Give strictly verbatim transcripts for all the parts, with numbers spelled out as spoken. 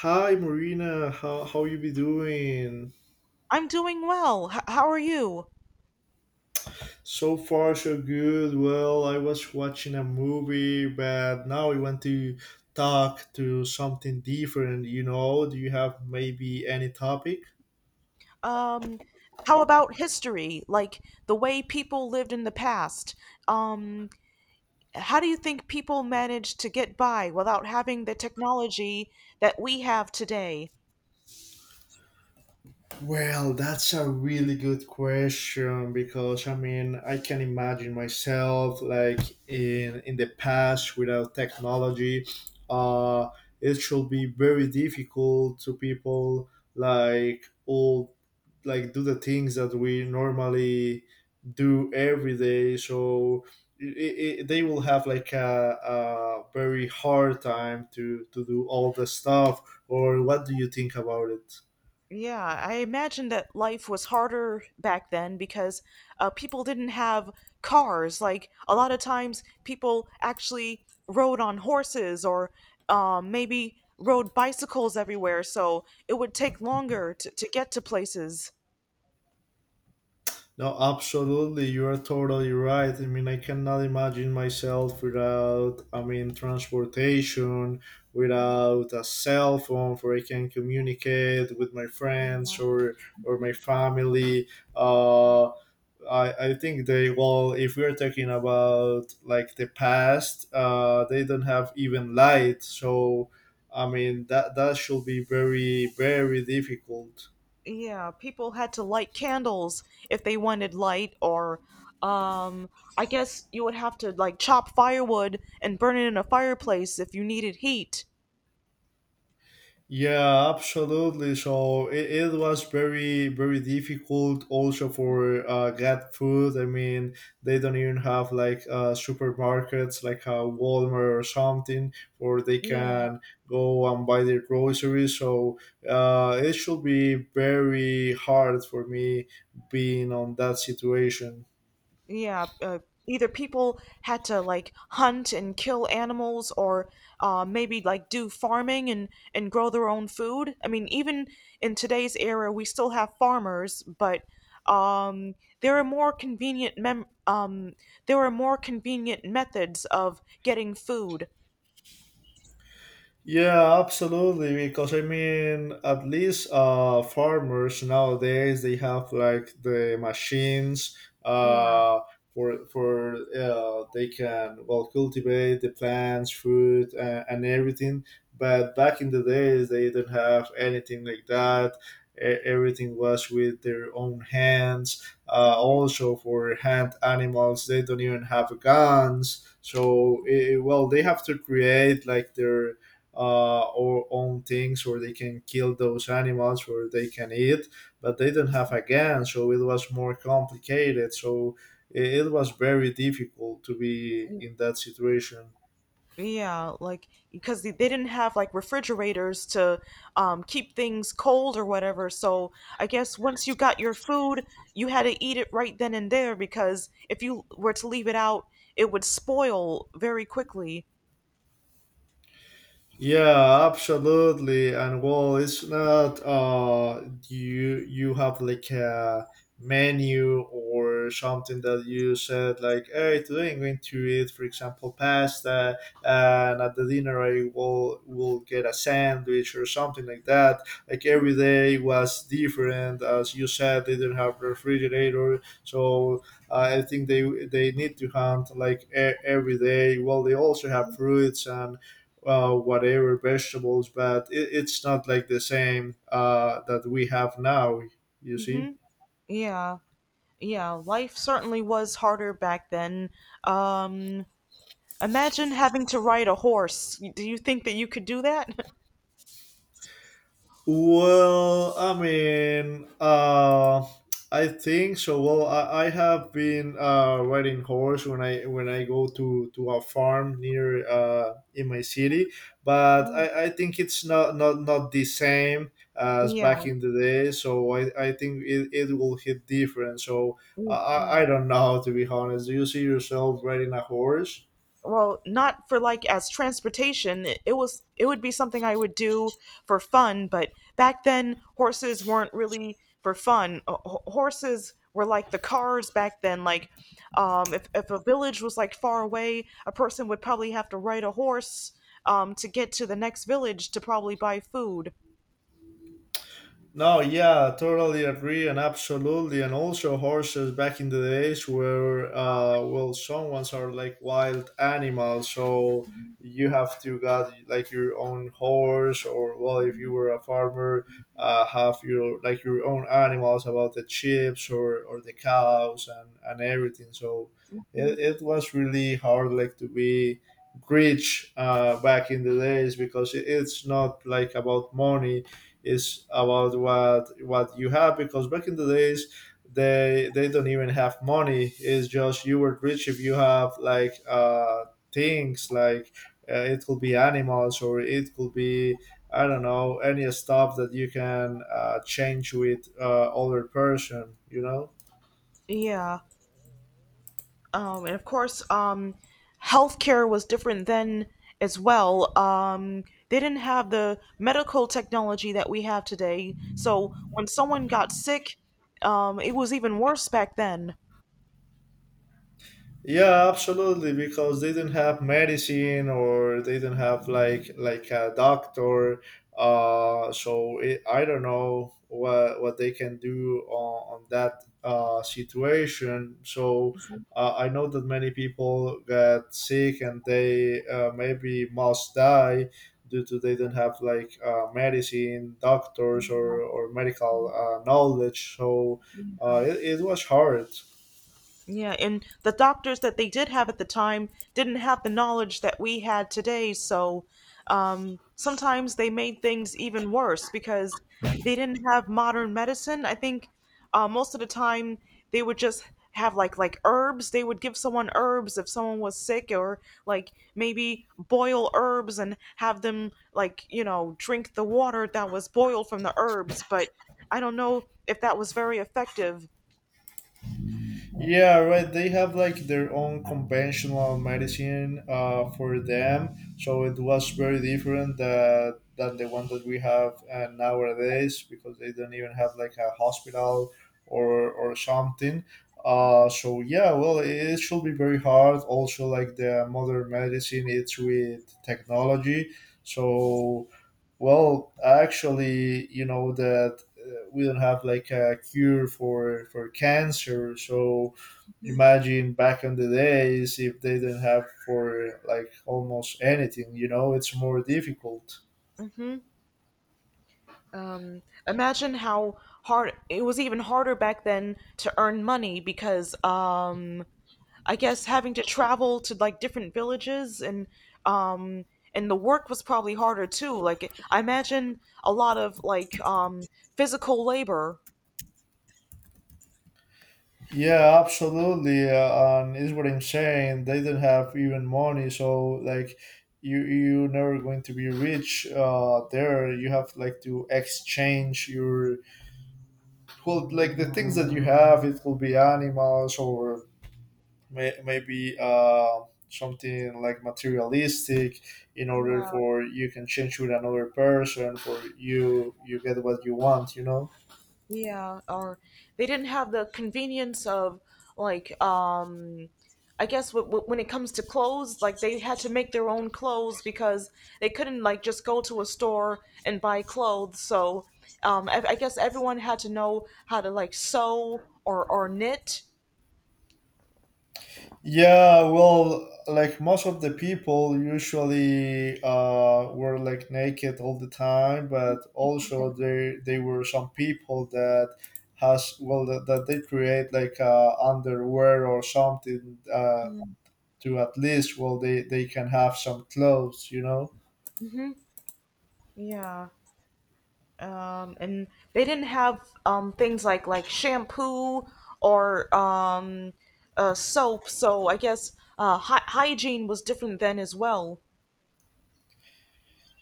Hi Marina, how how you be doing? I'm doing well. H- how are you? So far so good. Well, I was watching a movie, but now we want to talk to something different, you know? Do you have maybe any topic? Um, how about history? Like the way people lived in the past? Um, how do you think people managed to get by without having the technology that we have today? Well, that's a really good question because I mean, I can imagine myself like in in the past without technology. uh it should be very difficult to people like old, like do the things that we normally do every day, so it, it, they will have like a, a very hard time to to do all the stuff. Or what do you think about it? Yeah, I imagine that life was harder back then because uh, people didn't have cars. Like a lot of times, people actually rode on horses or um, maybe rode bicycles everywhere, so it would take longer to, to get to places. No, absolutely, you are totally right. I mean, I cannot imagine myself without, I mean, transportation, Mhm. without a cell phone where I can communicate with my friends Yeah. or or my family. Yeah, Uh I, I think they, well, if we're talking about like the past, uh, they don't have even light, so I mean that that should be very very difficult. yeah, people had to light candles if they wanted light, or um, I guess you would have to like chop firewood and burn it in a fireplace if you needed heat. Yeah, absolutely. So it, it was very, very difficult also for uh, get food. I mean, they don't even have like uh, supermarkets like a Walmart or something where they Yeah. can go and buy their groceries. So uh, it should be very hard for me being on that situation. Yeah, uh, either people had to like hunt and kill animals or uh, maybe like do farming and, and grow their own food. I mean, even in today's era, we still have farmers, but um, there are more convenient mem- um, there are more convenient methods of getting food. Yeah, absolutely. Because I mean, at least uh, farmers nowadays they have like the machines, Yeah. uh, for for uh, they can, well, cultivate the plants, fruit, uh, and everything. But back in the days, they didn't have anything like that. E- Everything was with their own hands. Uh, hmm. Also, for hand animals, they don't even have guns. So, eh, well, they have to create like their uh, or own things, or they can kill those animals or they can eat, but they do not have a gun, so it was more complicated. So it it was very difficult to be in that situation. Yeah, like because they they didn't have like refrigerators to um, keep things cold or whatever. So I guess once you got your food, you had to eat it right then and there because if you were to leave it out, it would spoil very quickly. Yeah, absolutely. And well, it's not, uh you you have like a menu or something that you said like, hey, today I'm going to eat, for example, pasta, and at the dinner I will will get a sandwich or something like that. Like every day was different, as you said, they didn't have refrigerator, so uh, I think they they need to hunt like e- every day. Well, they also have fruits and uh, whatever vegetables, but it, it's not like the same uh, that we have now. You Hmm. see? Yeah, yeah. Life certainly was harder back then. Um, Imagine having to ride a horse. Do you think that you could do that? Well, I mean, uh, I think so. Well, I, I have been uh, riding horse when I when I go to, to a farm near, uh, in my city, but Well, I, I think it's not, not not the same as yeah, back in the day. So I, I think it, it will hit different. So I I yeah. I don't know, to be honest. Do you see yourself riding a horse? Well, not for like as transportation it, it was it would be something I would do for fun. But back then horses weren't really for fun. H- h- horses were like the cars back then. Like um if, if a village was like far away, a person would probably have to ride a horse um to get to the next village to probably buy food. No, yeah, totally agree, and absolutely, and also horses back in the days were, uh, well, some ones are like wild animals, so you have to got like your own horse, or, well, if you were a farmer, uh, have your like your own animals, about the chips or or the cows and and everything. So it, it was really hard like to be rich uh, back in the days, because it, it's not like about money, is about what what you have, because back in the days they they don't even have money. It's just you were rich if you have like uh things like, uh, it could be animals or it could be, I don't know, any stuff that you can, uh, change with uh, other person you know Yeah. Um, and of course, um, healthcare was different then as well. Um, they didn't have the medical technology that we have today. So when someone got sick, um, it was even worse back then. Yeah, absolutely, because they didn't have medicine or they didn't have like like a doctor. Uh, so it, I don't know what what they can do on, on that uh, situation. So uh, I know that many people get sick and they, uh, maybe must die due to they didn't have like, uh, medicine, doctors, or or medical uh, knowledge. So uh, it, it was hard. Yeah, and the doctors that they did have at the time didn't have the knowledge that we had today, so um, sometimes they made things even worse because they didn't have modern medicine. I think uh, most of the time they would just have like like herbs. They would give someone herbs if someone was sick, or like maybe boil herbs and have them like you know drink the water that was boiled from the herbs. But I don't know if that was very effective. Yeah, right. They have like their own conventional medicine, uh, for them, so it was very different that, than the one that we have uh, nowadays, because they don't even have like a hospital or or something. Uh, Mhm, So yeah, well, it should be very hard. Also, like the modern medicine, it's with technology, so, well, actually, you know that, uh, we don't have like a cure for for cancer. So mhm. imagine back in the days if they didn't have for like almost anything you know it's more difficult. Hmm. Um, Imagine how hard it was, even harder back then, to earn money because um, I guess having to travel to like different villages and um, and the work was probably harder too. Like I imagine a lot of like um, physical labor. Yeah, absolutely. Uh, and is what I'm saying, they didn't have even money. So, like, you you're never going to be rich. Uh there you have like to exchange your, well, like the things that you have, it will be animals or may, maybe uh, something like materialistic, in order for you can change with another person, for you you get what you want you know Yeah, or they didn't have the convenience of like um I guess w- w- when it comes to clothes, like they had to make their own clothes because they couldn't like just go to a store and buy clothes. So um I, I guess everyone had to know how to like sew or or knit. Yeah, well, like most of the people usually, uh, were like naked all the time, but also there they were some people that has, well, that, that they create like uh, underwear or something, uh, to at least, well, they they can have some clothes you know Mm-hmm. Yeah. Um, and they didn't have um, things like like shampoo or um, uh, soap. So I guess uh, hy- hygiene was different then as well.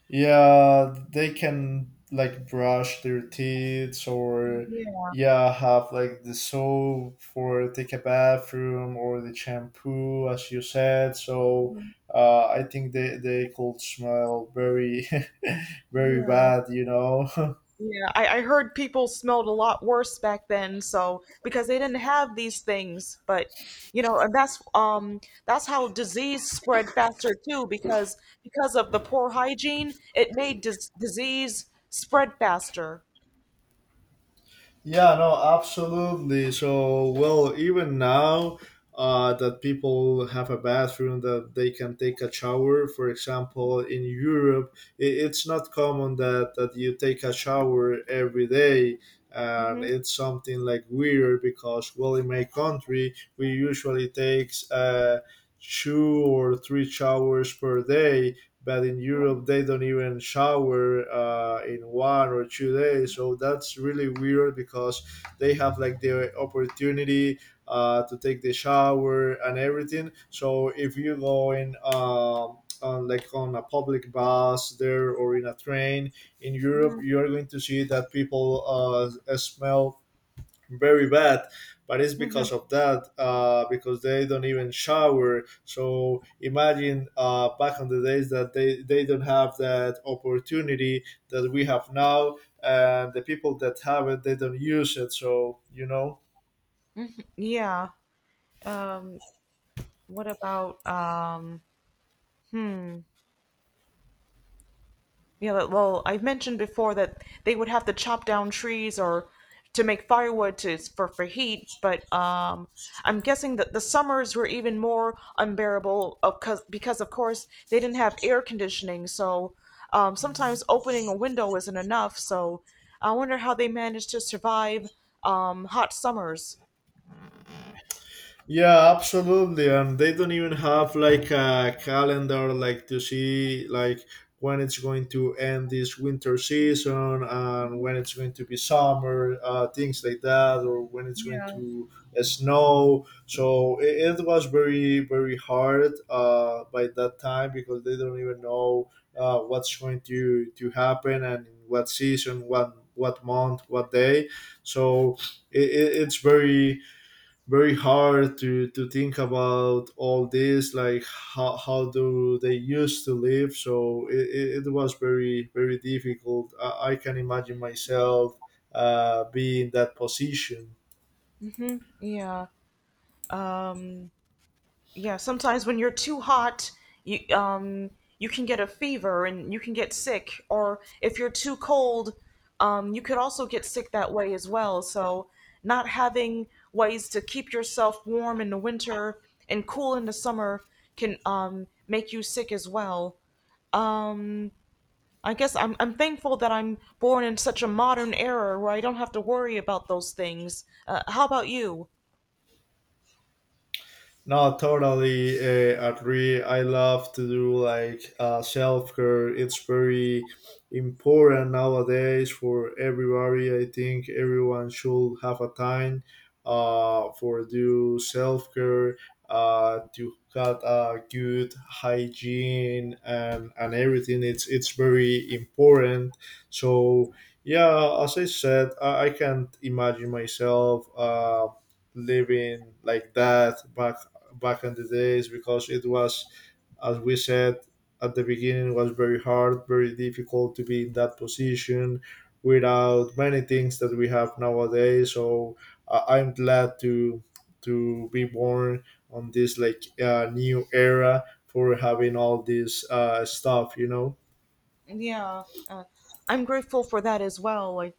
Yeah, they can like brush their teeth or Yeah, yeah, have like the soap for take a bathroom or the shampoo as you said. So uh, I think they, they could smell very very yeah, bad, you know. yeah. I, I heard people smelled a lot worse back then, so because they didn't have these things, but you know, and that's um that's how disease spread faster too, because because of the poor hygiene, it made dis disease spread faster. Yeah, no, absolutely. So, well, even now, uh, that people have a bathroom that they can take a shower, for example, in Europe, it, it's not common that, that you take a shower every day. And Mm-hmm. it's something like weird because, well, in my country, we usually takes, uh, two or three showers per day, but in Europe they don't even shower, uh, in one or two days. So that's really weird because they have like the opportunity, uh, to take the shower and everything. So if you go in. Um, on like on a public bus there or in a train in Europe, you are going to see that people, uh, smell very bad, but it's Mm-hmm. because of that, uh, because they don't even shower. So imagine, uh, back on the days that they, they don't have that opportunity that we have now, and the people that have it they don't use it so you know Yeah. Um, what about um, yeah, but- well, I mentioned before that they would have to chop down trees or to make firewood to for for heat, but um, I'm guessing that the summers were even more unbearable of cause, because of course they didn't have air conditioning, so um, sometimes opening a window isn't enough, so I wonder how they managed to survive um, hot summers. Yeah, absolutely. And they don't even have like a calendar, like to see like when it's going to end this winter season and when it's going to be summer, uh, things like that, or when it's going to uh, snow. So it, it was very, very hard uh, by that time, because they don't even know uh, what's going to, to happen and in what season, what, what month, what day. So it, it, it's very very hard to to think about all this, like how, how do they used to live. So it, it, it was very very difficult. I, I can imagine myself uh, being in that position. Yeah. um, yeah, sometimes when you're too hot you um you can get a fever and you can get sick. Or if you're too cold um you could also get sick that way as well. So not having ways to keep yourself warm in the winter and cool in the summer can um make you sick as well. I guess i'm I'm thankful that I'm born in such a modern era where I don't have to worry about those things. Uh, how about you? No, totally uh, agree. I love to do like uh, self care. It's very important nowadays for everybody. I think everyone should have a time uh, for do self care, uh, to have a good hygiene and, and everything. It's it's very important. So yeah, as I said, I, I can't imagine myself. Uh, living like that back back in the days, because it was, as we said at the beginning, was very hard, very difficult to be in that position without many things that we have nowadays. So uh, I'm glad to to be born on this like uh, new era for having all this uh, stuff, you know. Yeah, uh, I'm grateful for that as well. I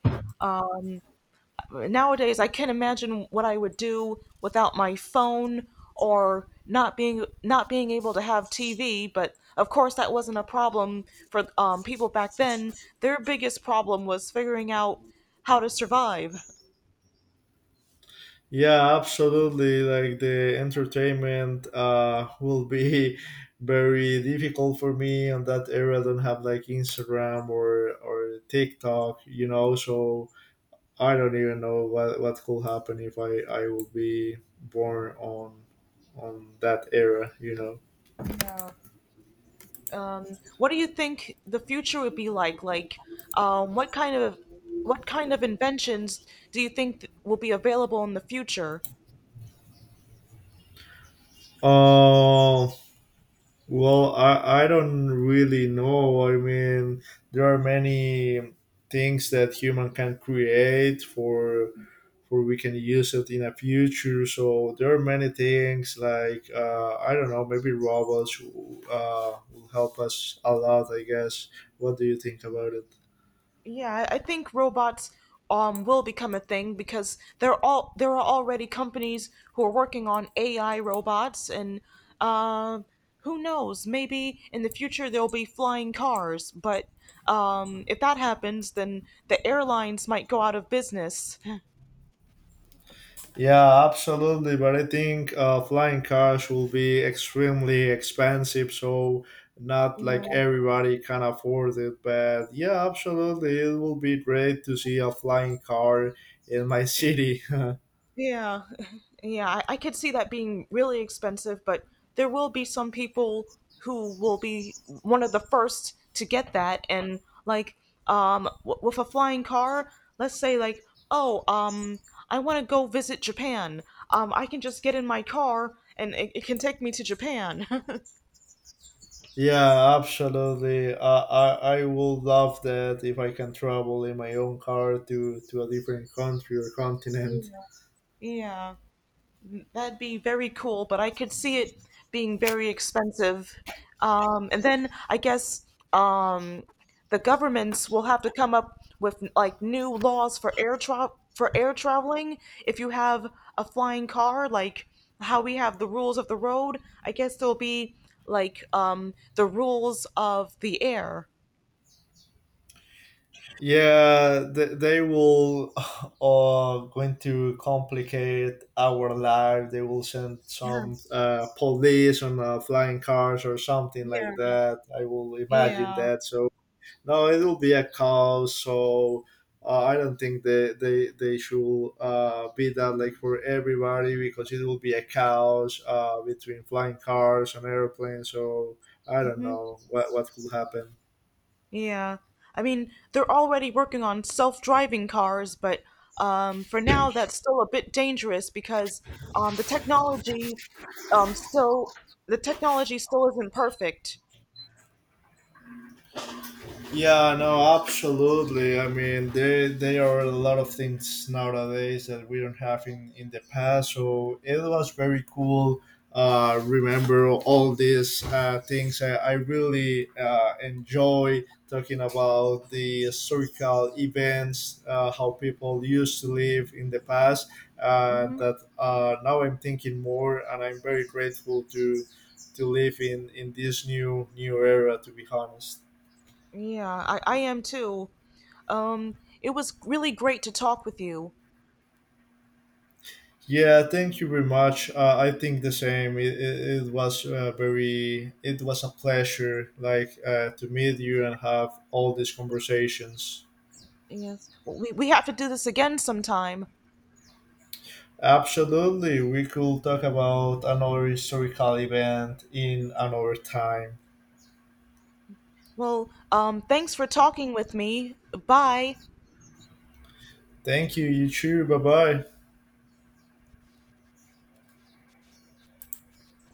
nowadays I can't imagine what I would do without my phone or not being not being able to have T V. But of course, that wasn't a problem for um, people back then. Their biggest problem was figuring out how to survive. Yeah, absolutely. Like the entertainment uh will be very difficult for me on that area. I don't have like Instagram or or TikTok, you know, so I don't even know what what could happen if I I will be born on on that era, you know. Yeah. Um, what do you think the future would be like? Like, um, what kind of what kind of inventions do you think th- will be available in the future? Uh, well, I I don't really know. I mean, there are many things that human can create for for we can use it in the future. So there are many things like, uh, I don't know, maybe robots uh, will help us a lot, I guess. What do you think about it? Yeah, I I think robots um will become a thing because there are all there are already companies who are working on A I robots and um who knows, maybe in the future there'll be flying cars, but um if that happens then the airlines might go out of business. Yeah, absolutely. But I think uh, flying cars will be extremely expensive. So not Yeah. like everybody can afford it, but yeah, absolutely, it will be great to see a flying car in my city. Yeah, yeah, I, I could see that being really expensive, but there will be some people who will be one of the first to get that, and like, um, w- with a flying car, let's say like, oh, um, I want to go visit Japan. Um, I can just get in my car, and it, it can take me to Japan. Yeah, absolutely. I, I I would love that if I can travel in my own car to to a different country or continent. Yeah. Yeah. That'd be very cool, but I could see it being very expensive. Um, and then I guess um, the governments will have to come up with like new laws for air tra- for air traveling. If you have a flying car, like how we have the rules of the road, I guess there'll be like um, the rules of the air. Yeah, they, they will uh, going to complicate our life. They will send Yeah. some uh, police on uh, flying cars or something like Yeah. that. I will imagine Yeah. that. So no, it will be a cow. So uh, I don't think they they they should uh, be that like for everybody, because it will be a cows uh, between flying cars and airplanes. So I don't Mhm. know what what could happen. Yeah. I mean, they're already working on self-driving cars, but um, for now that's still a bit dangerous because um, the technology um, still the technology still isn't perfect. Yeah, no, absolutely. I mean, there there are a lot of things nowadays that we don't have in in the past. So it was very cool. Uh, remember all these uh, things. I, I really uh, enjoy talking about the historical events, uh, how people used to live in the past, and Hmm. that uh, now I'm thinking more, and I'm very grateful to to live in in this new new era, to be honest. Yeah, I, I am too. Um, it was really great to talk with you. Yeah, thank you very much. Uh, I think the same. It, it, it was uh, very. It was a pleasure, like uh, to meet you and have all these conversations. Yes. Well, we, we have to do this again sometime. Absolutely, we could talk about another historical event in another time. Well, um, thanks for talking with me. Bye. Thank you. You too. Bye bye.